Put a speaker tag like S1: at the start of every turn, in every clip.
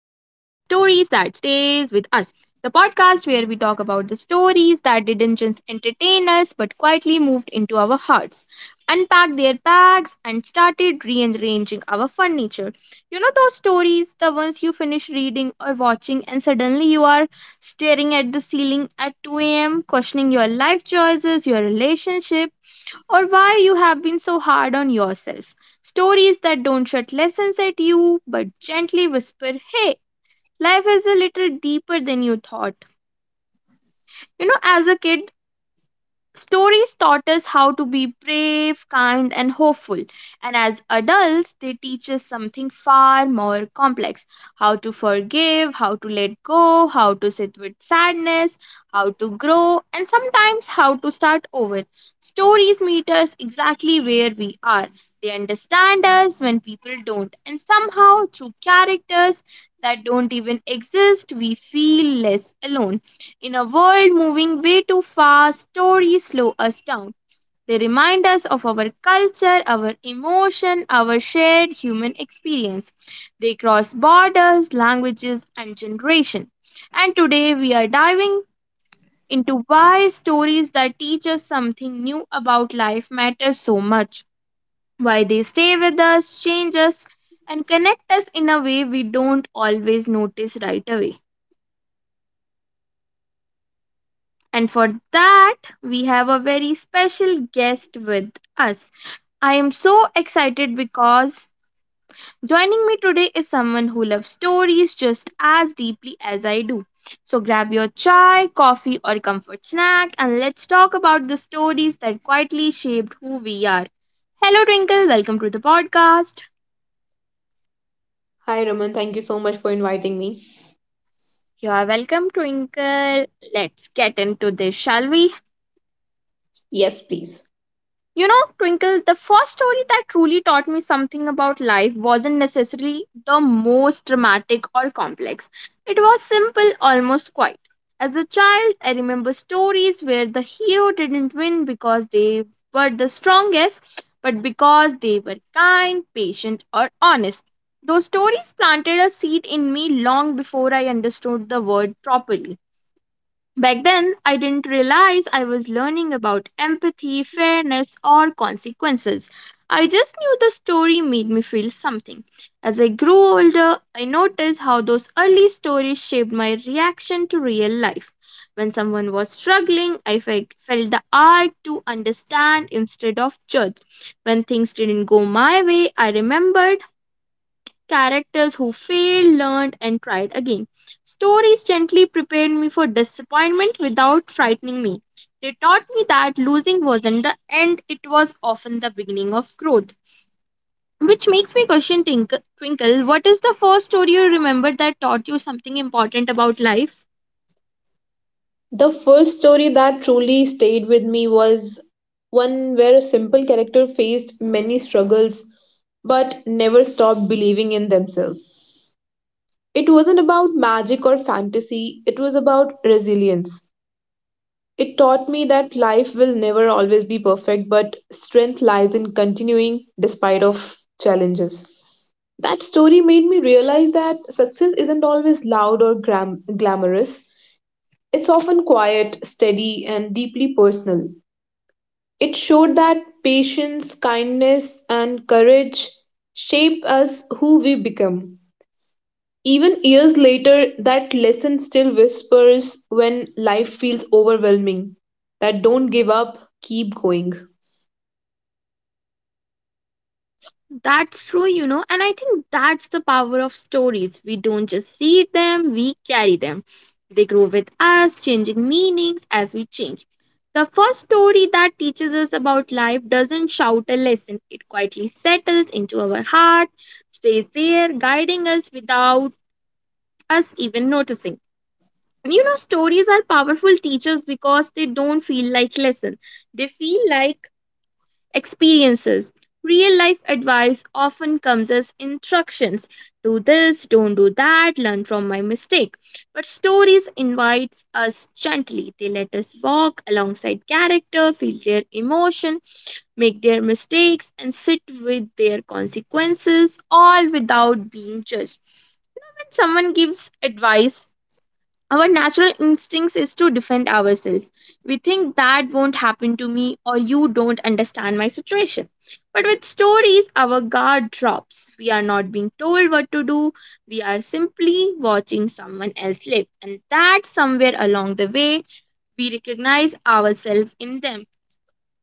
S1: stays with us. The podcast where we talk about the stories that didn't just entertain us but quietly moved into our hearts, unpacked their bags, and started rearranging our furniture. You know those stories, the ones you finish reading or watching, and suddenly you are staring at the ceiling at 2 a.m., questioning your life choices, your relationship, or why you have been so hard on yourself. Stories that don't shout lessons at you but gently whisper, hey, life is a little deeper than you thought. As a kid, stories taught us how to be brave, kind, and hopeful. And as adults, they teach us something far more complex: how to forgive, how to let go, how to sit with sadness, how to grow, and sometimes how to start over. Stories meet us exactly where we are. They understand us when people don't. And somehow, through characters that don't even exist, we feel less alone. In a world moving way too fast, stories slow us down. They remind us of our culture, our emotion, our shared human experience. They cross borders, languages, and generation. And today we are diving into why stories that teach us something new about life matter so much. Why they stay with us, change us, and connect us in a way we don't always notice right away. And for that, we have a very special guest with us. I am so excited because joining me today is someone who loves stories just as deeply as I do. So grab your chai, coffee, or comfort snack and let's talk about the stories that quietly shaped who we are. Hello, Twinkle. Welcome to the podcast.
S2: Hi, Raman. Thank you so much for inviting me.
S1: You are welcome, Twinkle. Let's get into this, shall we?
S2: Yes, please.
S1: Twinkle, the first story that truly taught me something about life wasn't necessarily the most dramatic or complex. It was simple, almost quiet. As a child, I remember stories where the hero didn't win because they were the strongest, but because they were kind, patient, or honest. Those stories planted a seed in me long before I understood the word properly. Back then, I didn't realize I was learning about empathy, fairness, or consequences. I just knew the story made me feel something. As I grew older, I noticed how those early stories shaped my reaction to real life. When someone was struggling, I felt the urge to understand instead of judge. When things didn't go my way, I remembered characters who failed, learned, and tried again. Stories gently prepared me for disappointment without frightening me. They taught me that losing wasn't the end, it was often the beginning of growth. Which makes me question Twinkle. Twinkle, what is the first story you remember that taught you something important about life?
S2: The first story that truly stayed with me was one where a simple character faced many struggles but never stopped believing in themselves. It wasn't about magic or fantasy, it was about resilience. It taught me that life will never always be perfect, but strength lies in continuing despite of challenges. That story made me realize that success isn't always loud or glamorous. It's often quiet, steady, and deeply personal. It showed that patience, kindness, and courage shape us who we become. Even years later, that lesson still whispers when life feels overwhelming that don't give up, keep going.
S1: That's true, and I think that's the power of stories. We don't just read them, we carry them. They grow with us, changing meanings as we change. The first story that teaches us about life doesn't shout a lesson, it quietly settles into our heart, stays there, guiding us without us even noticing. And stories are powerful teachers because they don't feel like lessons, they feel like experiences. Real life advice often comes as instructions: do this, don't do that, learn from my mistake. But stories invite us gently. They let us walk alongside character, feel their emotion, make their mistakes, and sit with their consequences, all without being judged. When someone gives advice, our natural instincts is to defend ourselves. We think that won't happen to me or you don't understand my situation. But with stories, our guard drops. We are not being told what to do. We are simply watching someone else live. And that somewhere along the way, we recognize ourselves in them.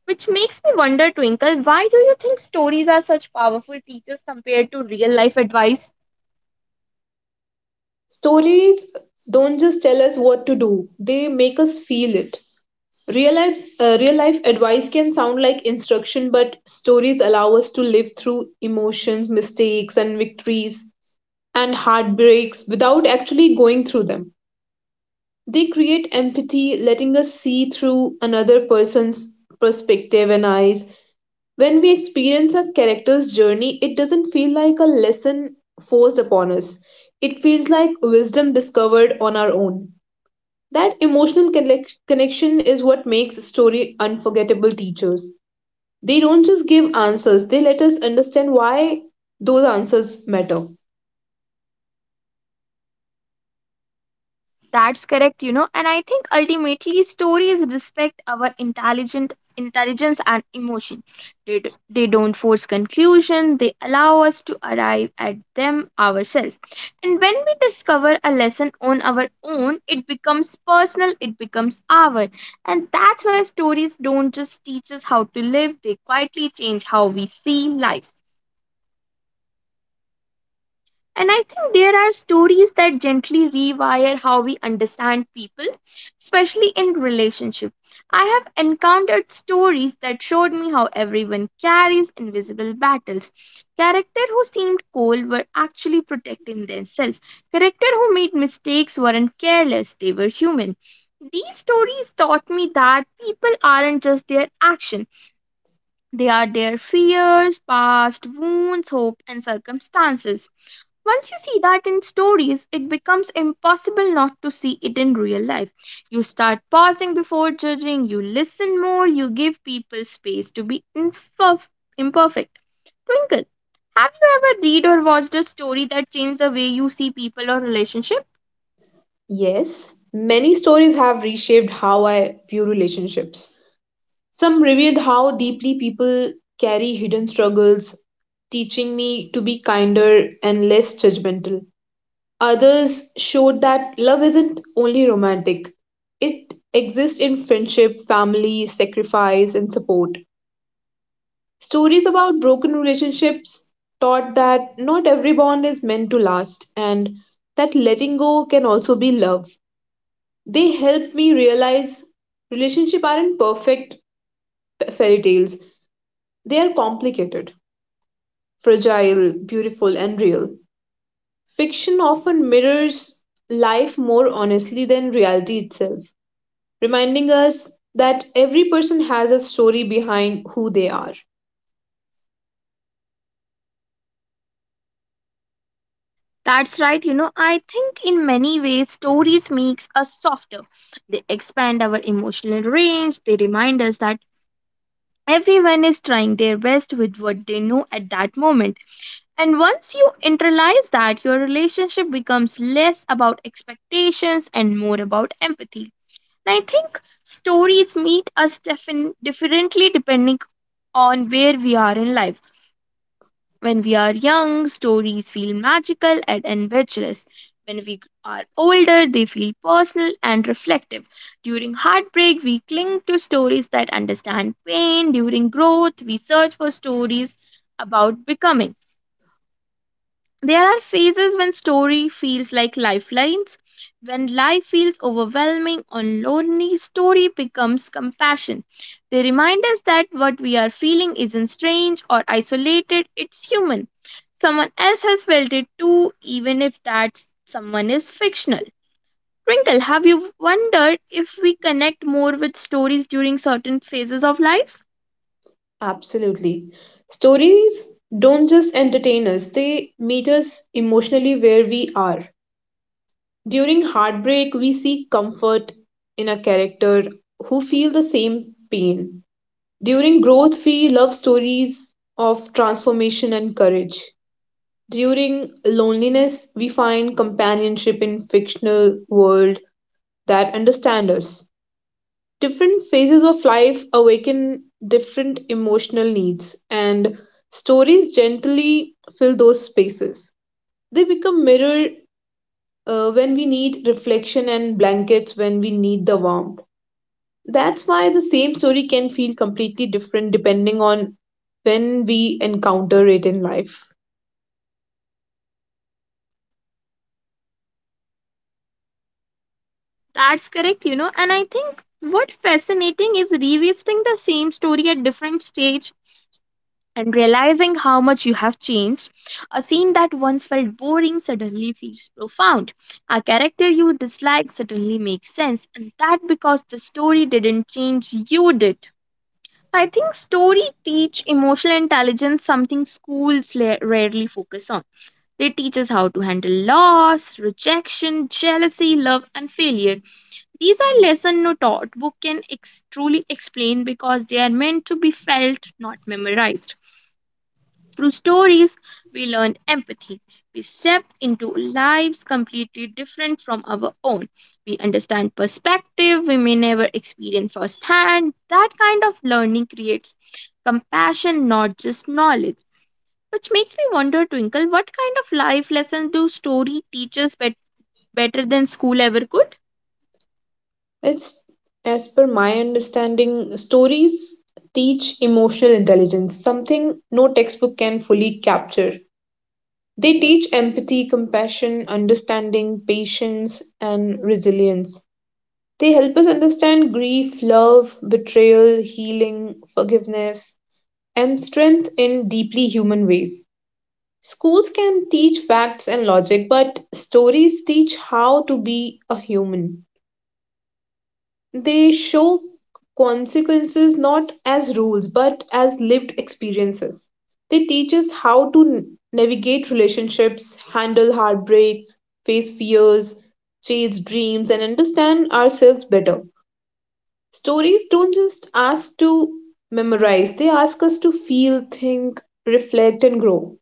S1: Which makes me wonder, Twinkle, why do you think stories are such powerful teachers compared to real life advice?
S2: Stories don't just tell us what to do, they make us feel it. Real life advice can sound like instruction, but stories allow us to live through emotions, mistakes, and victories and heartbreaks without actually going through them. They create empathy, letting us see through another person's perspective and eyes. When we experience a character's journey, it doesn't feel like a lesson forced upon us. It feels like wisdom discovered on our own. That emotional connection is what makes story unforgettable teachers. They don't just give answers, they let us understand why those answers matter.
S1: That's correct, and I think ultimately stories respect our intelligent intelligence and emotion. They don't force conclusion, they allow us to arrive at them ourselves. And when we discover a lesson on our own, it becomes personal, it becomes our. And that's why stories don't just teach us how to live, they quietly change how we see life. And I think there are stories that gently rewire how we understand people, especially in relationship. I have encountered stories that showed me how everyone carries invisible battles. Characters who seemed cold were actually protecting themselves. Characters who made mistakes weren't careless, they were human. These stories taught me that people aren't just their action. They are their fears, past wounds, hope, and circumstances. Once you see that in stories, it becomes impossible not to see it in real life. You start pausing before judging, you listen more, you give people space to be imperfect. Twinkle, have you ever read or watched a story that changed the way you see people or relationship?
S2: Yes, many stories have reshaped how I view relationships. Some revealed how deeply people carry hidden struggles, teaching me to be kinder and less judgmental. Others showed that love isn't only romantic, it exists in friendship, family, sacrifice, and support. Stories about broken relationships taught that not every bond is meant to last and that letting go can also be love. They helped me realize relationships aren't perfect fairy tales, they are complicated, fragile, beautiful, and real. Fiction often mirrors life more honestly than reality itself, reminding us that every person has a story behind who they are.
S1: That's right, I think in many ways stories makes us softer. They expand our emotional range, they remind us that everyone is trying their best with what they know at that moment. And once you internalize that, your relationship becomes less about expectations and more about empathy. And I think stories meet us differently depending on where we are in life. When we are young, stories feel magical and adventurous. When we are older, they feel personal and reflective. During heartbreak, we cling to stories that understand pain. During growth, we search for stories about becoming. There are phases when story feels like lifelines. When life feels overwhelming or lonely, story becomes compassion. They remind us that what we are feeling isn't strange or isolated, it's human. Someone else has felt it too, even if that someone is fictional. Twinkle, have you wondered if we connect more with stories during certain phases of life?
S2: Absolutely. Stories don't just entertain us, they meet us emotionally where we are. During heartbreak, we seek comfort in a character who feel the same pain. During growth, we love stories of transformation and courage. During loneliness, we find companionship in fictional world that understand us different phases of life awaken different emotional needs, and stories gently fill those spaces. They become mirror when we need reflection and blankets when we need the warmth. That's why the same story can feel completely different depending on when we encounter it in life.
S1: That's correct, and I think what fascinating is revisiting the same story at different stage and realizing how much you have changed. A scene that once felt boring suddenly feels profound. A character you dislike suddenly makes sense, and that because the story didn't change, you did. I think story teach emotional intelligence, something schools rarely focus on. They teach us how to handle loss, rejection, jealousy, love and failure. These are lessons no taught book can truly explain because they are meant to be felt, not memorized. Through stories, we learn empathy. We step into lives completely different from our own. We understand perspective we may never experience firsthand. That kind of learning creates compassion, not just knowledge. Which makes me wonder, Twinkle, what kind of life lesson do story teaches better than school ever could?
S2: It's, as per my understanding, stories teach emotional intelligence, something no textbook can fully capture. They teach empathy, compassion, understanding, patience, and resilience. They help us understand grief, love, betrayal, healing, forgiveness, and strength in deeply human ways. Schools can teach facts and logic, but stories teach how to be a human. They show consequences not as rules but as lived experiences. They teach us how to navigate relationships, handle heartbreaks, face fears, chase dreams, and understand ourselves better. Stories don't just ask to memorize, they ask us to feel, think, reflect, and grow.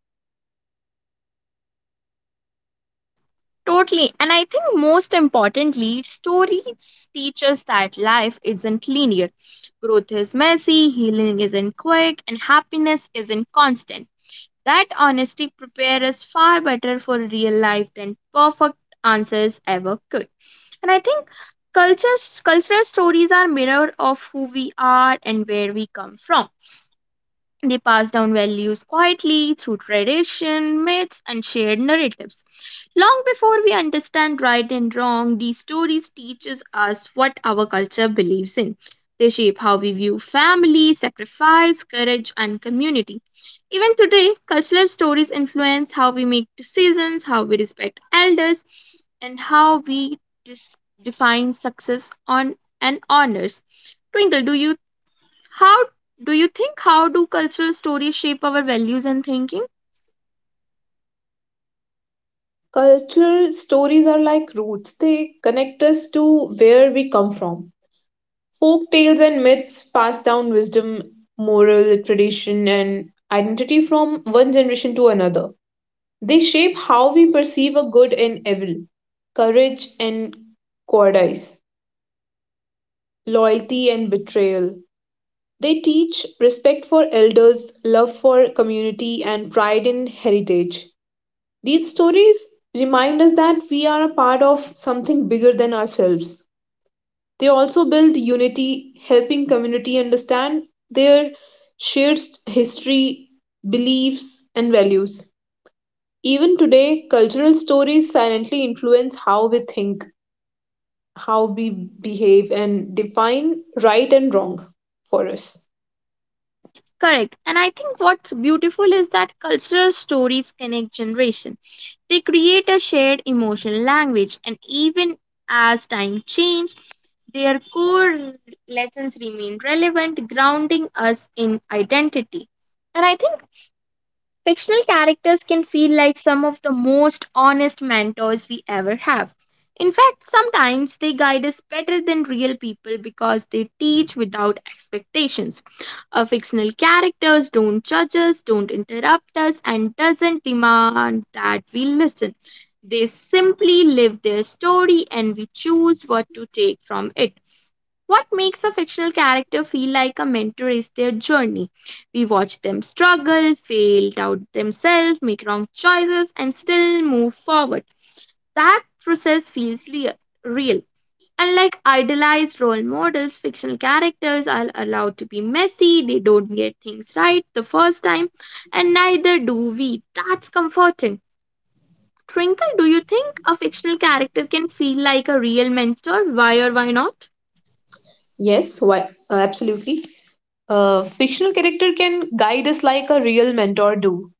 S1: Totally. And I think most importantly, stories teach us that life isn't linear. Growth is messy, healing isn't quick, and happiness isn't constant. That honesty prepares us far better for real life than perfect answers ever could. And I think cultural stories are mirror of who we are and where we come from. They pass down values quietly through tradition, myths, and shared narratives. Long before we understand right and wrong, these stories teaches us what our culture believes in. They shape how we view family, sacrifice, courage, and community. Even today, cultural stories influence how we make decisions, how we respect elders, and how we define success on and honors. Twinkle, do you how how do cultural stories shape our values and thinking?
S2: Cultural stories are like roots, they connect us to where we come from. Folk tales and myths pass down wisdom, moral tradition, and identity from one generation to another. They shape how we perceive a good and evil, courage and cowardice, loyalty and betrayal. They teach respect for elders, love for community, and pride in heritage. These stories remind us that we are a part of something bigger than ourselves. They also build unity, helping community understand their shared history, beliefs, and values. Even today, cultural stories silently influence how we think, how we behave, and define right and wrong for us.
S1: Correct. And I think what's beautiful is that cultural stories connect generation. They create a shared emotional language and even as time changes, their core lessons remain relevant, grounding us in identity. And I think fictional characters can feel like some of the most honest mentors we ever have. In fact, sometimes they guide us better than real people because they teach without expectations. Our fictional characters don't judge us, don't interrupt us, and doesn't demand that we listen. They simply live their story and we choose what to take from it. What makes a fictional character feel like a mentor is their journey. We watch them struggle, fail, doubt themselves, make wrong choices, and still move forward. That process feels real. Unlike idealized role models, fictional characters are allowed to be messy, they don't get things right the first time, and neither do we. That's comforting. Twinkle, do you think a fictional character can feel like a real mentor? Why or why not?
S2: Yes, why? Absolutely. A fictional character can guide us like a real mentor do.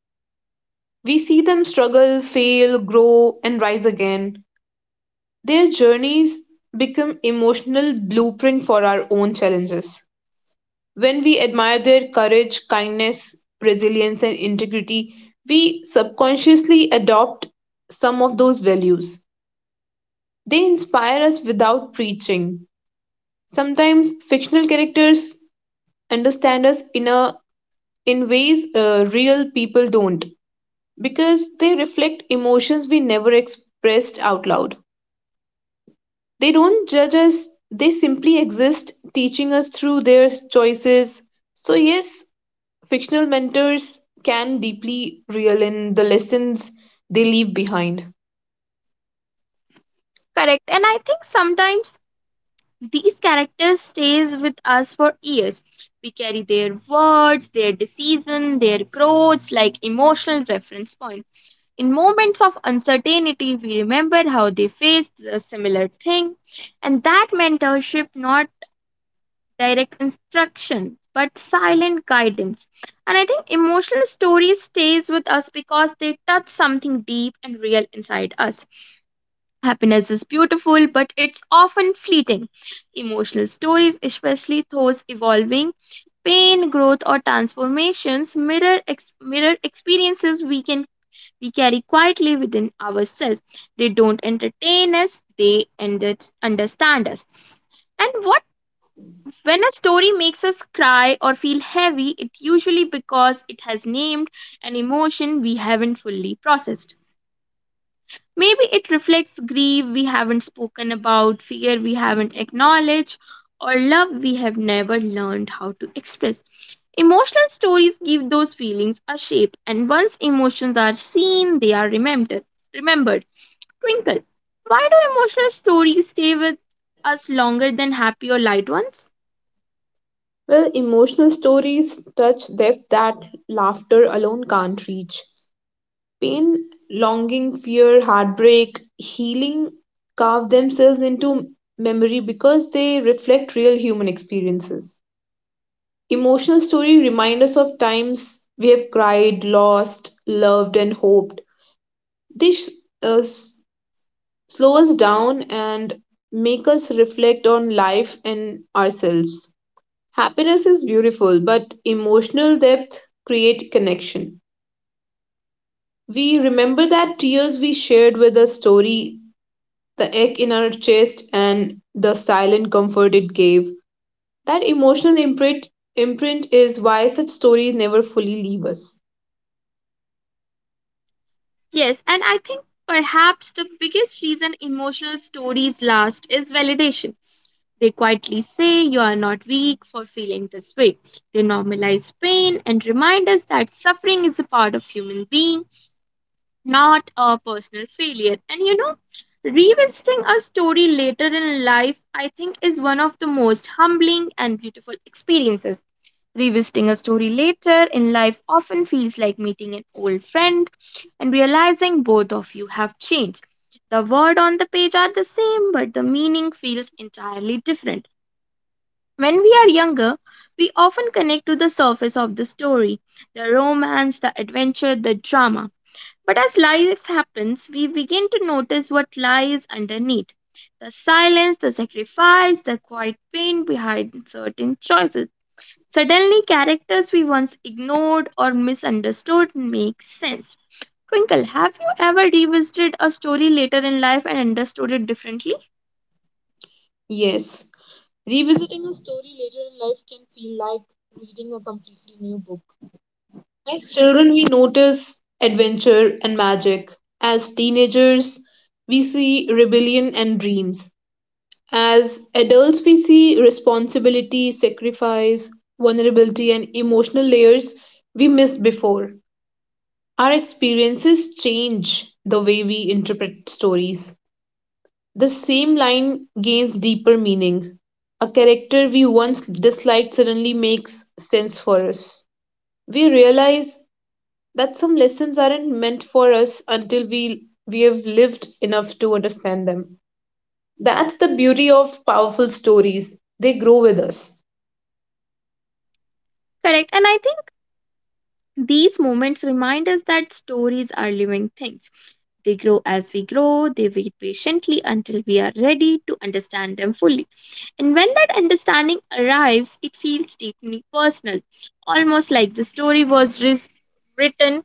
S2: We see them struggle, fail, grow, and rise again. Their journeys become emotional blueprint for our own challenges. When we admire their courage, kindness, resilience and integrity, we subconsciously adopt some of those values. They inspire us without preaching. Sometimes fictional characters understand us in ways, real people don't because they reflect emotions we never expressed out loud. They don't judge us, they simply exist, teaching us through their choices. So, yes, fictional mentors can deeply reel in the lessons they leave behind.
S1: Correct. And I think sometimes these characters stays with us for years. We carry their words, their decision, their growths like emotional reference point. In moments of uncertainty, we remember how they faced a similar thing, and that mentorship, not direct instruction, but silent guidance. And I think emotional stories stays with us because they touch something deep and real inside us. Happiness is beautiful, but it's often fleeting. Emotional stories, especially those evolving pain, growth, or transformations, mirror experiences we carry quietly within ourselves. They don't entertain us; they understand us. And what when a story makes us cry or feel heavy, it usually because it has named an emotion we haven't fully processed. Maybe it reflects grief we haven't spoken about, fear we haven't acknowledged, or love we have never learned how to express. Emotional stories give those feelings a shape, and once emotions are seen, they are remembered. Remembered. Twinkle. Why do emotional stories stay with us longer than happy or light ones?
S2: Well, emotional stories touch depth that laughter alone can't reach. Pain, longing, fear, heartbreak, healing carve themselves into memory because they reflect real human experiences. Emotional story remind us of times we have cried, lost, loved, and hoped. They uh, s- slow us down and make us reflect on life and ourselves. Happiness is beautiful, but emotional depth create connection. We remember that tears we shared with a story, the ache in our chest, and the silent comfort it gave. That emotional imprint is why such stories never fully leave us.
S1: Yes, and I think perhaps the biggest reason emotional stories last is validation. They quietly say you are not weak for feeling this way. They normalize pain and remind us that suffering is a part of human being, not a personal failure. And you know, revisiting a story later in life, I think, is one of the most humbling and beautiful experiences. Revisiting a story later in life often feels like meeting an old friend and realizing both of you have changed. The words on the page are the same, but the meaning feels entirely different. When we are younger, we often connect to the surface of the story, the romance, the adventure, the drama. But as life happens, we begin to notice what lies underneath, the silence, the sacrifice, the quiet pain behind certain choices. Suddenly, characters we once ignored or misunderstood make sense. Twinkle, have you ever revisited a story later in life and understood it differently?
S2: Yes. Revisiting a story later in life can feel like reading a completely new book. As children, we notice adventure and magic. As teenagers, we see rebellion and dreams. As adults, we see responsibility, sacrifice, vulnerability, and emotional layers we missed before. Our experiences change the way we interpret stories. The same line gains deeper meaning. A character we once disliked suddenly makes sense for us. We realize that some lessons aren't meant for us until we have lived enough to understand them. That's the beauty of powerful stories. They grow with us.
S1: Correct. And I think these moments remind us that stories are living things. They grow as we grow, they wait patiently until we are ready to understand them fully. And when that understanding arrives, it feels deeply personal, almost like the story was written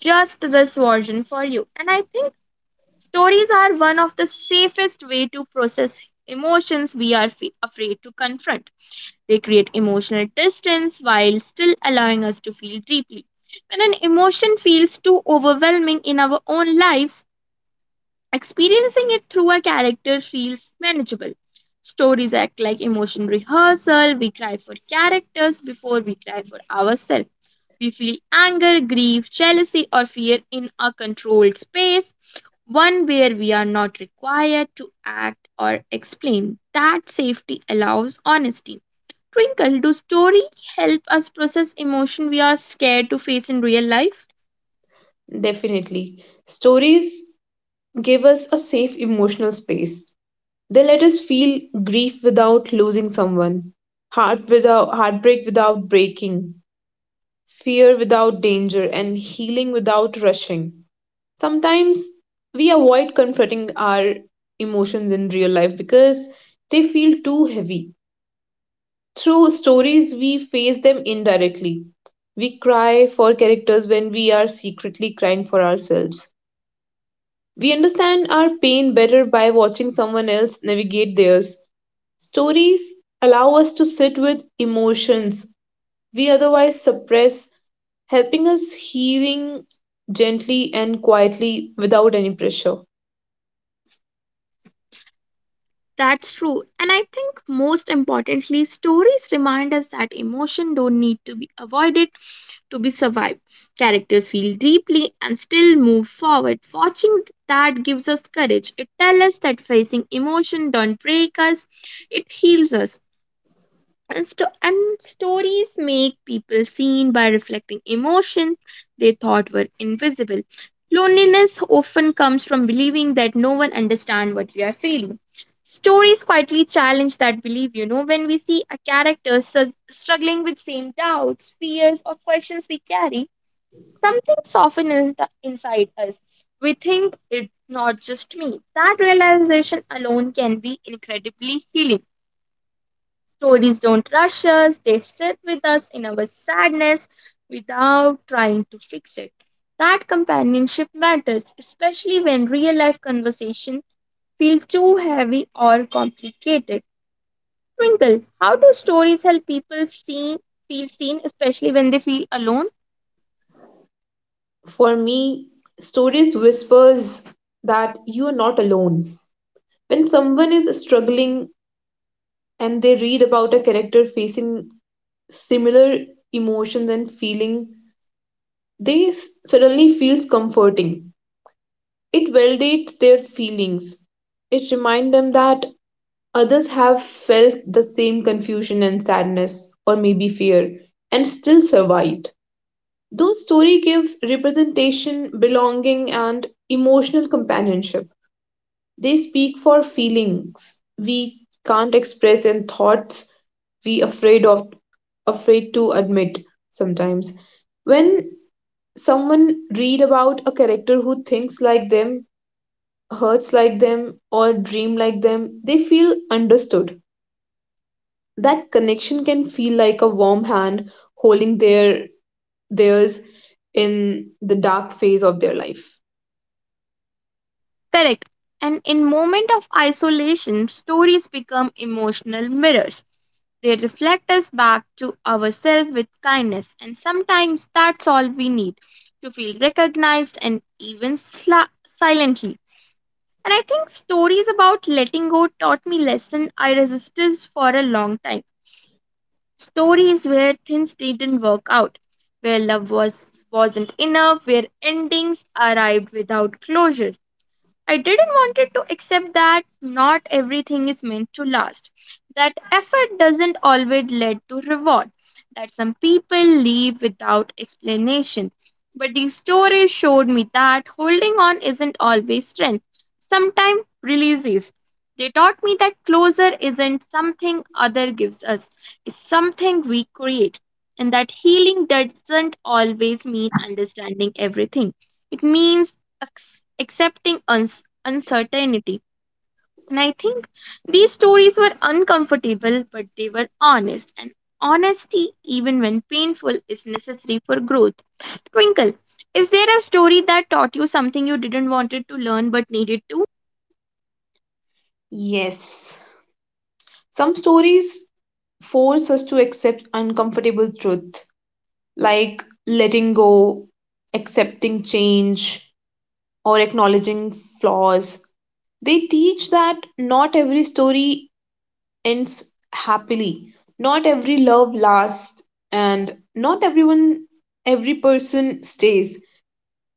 S1: just this version for you. And I think stories are one of the safest way to process emotions we are afraid to confront. They create emotional distance while still allowing us to feel deeply. When an emotion feels too overwhelming in our own lives, experiencing it through a character feels manageable. Stories act like emotion rehearsal. We cry for characters before we cry for ourselves. We feel anger, grief, jealousy, or fear in a controlled space, one where we are not required to act or explain. That safety allows honesty. Twinkle, do story help us process emotion we are scared to face in real life?
S2: Definitely. Stories give us a safe emotional space. They let us feel grief without losing someone, heartbreak without breaking, fear without danger, and healing without rushing. Sometimes we avoid confronting our emotions in real life because they feel too heavy. Through stories, we face them indirectly. We cry for characters when we are secretly crying for ourselves. We understand our pain better by watching someone else navigate theirs. Stories allow us to sit with emotions we otherwise suppress, helping us healing gently and quietly without any pressure.
S1: That's true. And I think most importantly, stories remind us that emotion don't need to be avoided to be survived. Characters feel deeply and still move forward. Watching that gives us courage. It tells us that facing emotion don't break us, it heals us. And stories make people seen by reflecting emotions they thought were invisible. Loneliness often comes from believing that no one understands what we are feeling. Stories quietly challenge that belief, you know, when we see a character struggling with same doubts, fears, or questions we carry, something softens inside us. We think it's not just me. That realization alone can be incredibly healing. Stories don't rush us, they sit with us in our sadness without trying to fix it. That companionship matters, especially when real life conversations feel too heavy or complicated. Twinkle, how do stories help people seen, feel seen, especially when they feel alone?
S2: For me, stories whispers that you are not alone. When someone is struggling and they read about a character facing similar emotions and feeling, they suddenly feels comforting. It validates their feelings. It reminds them that others have felt the same confusion and sadness, or maybe fear, and still survived. Those stories give representation, belonging, and emotional companionship. They speak for feelings we can't express in thoughts we afraid to admit sometimes. When someone read about a character who thinks like them, hurts like them, or dream like them, they feel understood that connection can feel like a warm hand holding theirs in the dark phase of their life.
S1: Correct. And in moment of isolation, stories become emotional mirrors. They reflect us back to ourselves with kindness, and sometimes that's all we need to feel recognized and even silently. And I think stories about letting go taught me lesson I resisted for a long time. Stories where things didn't work out, where love was wasn't enough, where endings arrived without closure. I didn't wanted to accept that not everything is meant to last, that effort doesn't always lead to reward, that some people leave without explanation. But these stories showed me that holding on isn't always strength. Sometimes release is. They taught me that closure isn't something other gives us, it's something we create. And that healing doesn't always mean understanding everything. It means accepting uncertainty. And I think these stories were uncomfortable, but they were honest. And honesty, even when painful, is necessary for growth. Twinkle, is there a story that taught you something you didn't wanted to learn but needed to?
S2: Yes. Some stories force us to accept uncomfortable truth, like letting go, accepting change, or acknowledging flaws. They teach that not every story ends happily, not every love lasts, and not everyone, every person stays.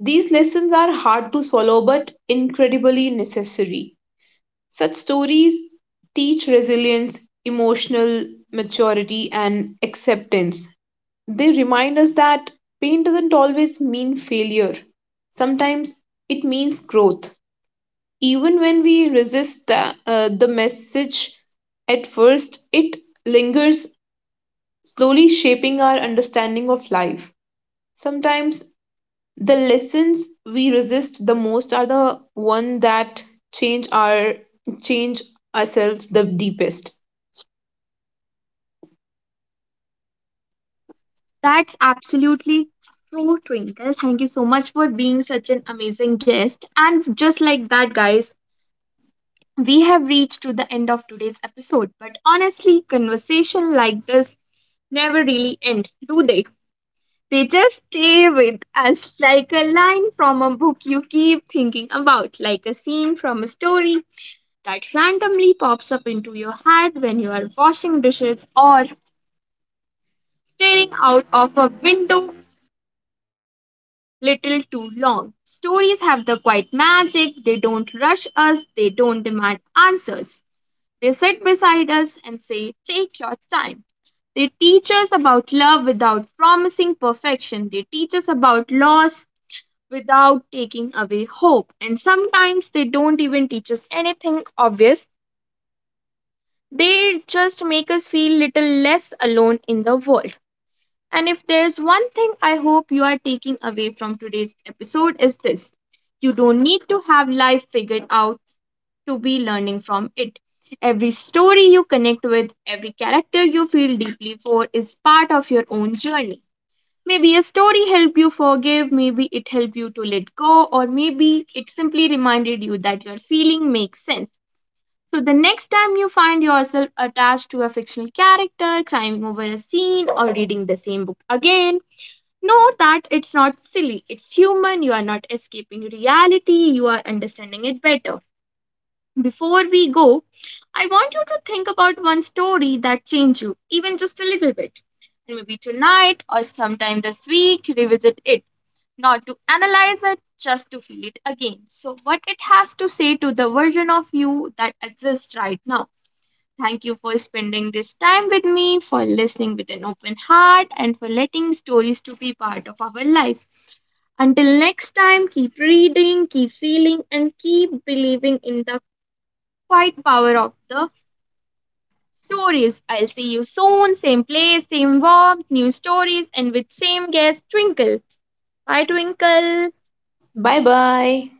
S2: These lessons are hard to swallow but incredibly necessary. Such stories teach resilience, emotional maturity, and acceptance. They remind us that pain doesn't always mean failure, sometimes it means growth. Even when we resist the message at first, it lingers, slowly shaping our understanding of life. Sometimes the lessons we resist the most are the one that change our change ourselves the deepest.
S1: That's absolutely true, Twinkle. Thank you so much for being such an amazing guest. And just like that, guys, we have reached to the end of today's episode, but honestly conversation like this never really end, do they? They just stay with us like a line from a book you keep thinking about, like a scene from a story that randomly pops up into your head when you are washing dishes or staring out of a window little too long. Stories have the quiet magic, they don't rush us, they don't demand answers. They sit beside us and say, "Take your time." They teach us about love without promising perfection. They teach us about loss without taking away hope. And sometimes they don't even teach us anything obvious. They just make us feel little less alone in the world. And if there's one thing I hope you are taking away from today's episode is this. You don't need to have life figured out to be learning from it. Every story you connect with, every character you feel deeply for is part of your own journey. Maybe a story helped you forgive, maybe it helped you to let go, or maybe it simply reminded you that your feeling makes sense. So the next time you find yourself attached to a fictional character, climbing over a scene, or reading the same book again, know that it's not silly. It's human. You are not escaping reality. You are understanding it better. Before we go, I want you to think about one story that changed you, even just a little bit. And maybe tonight or sometime this week, revisit it. Not to analyze it, just to feel it again. So, what it has to say to the version of you that exists right now. Thank you for spending this time with me, for listening with an open heart, and for letting stories to be part of our life. Until next time, keep reading, keep feeling, and keep believing in the quiet power of the stories. I'll see you soon, same place, same warmth, new stories, and with same guest, Twinkle. Bye, Twinkle.
S2: Bye bye.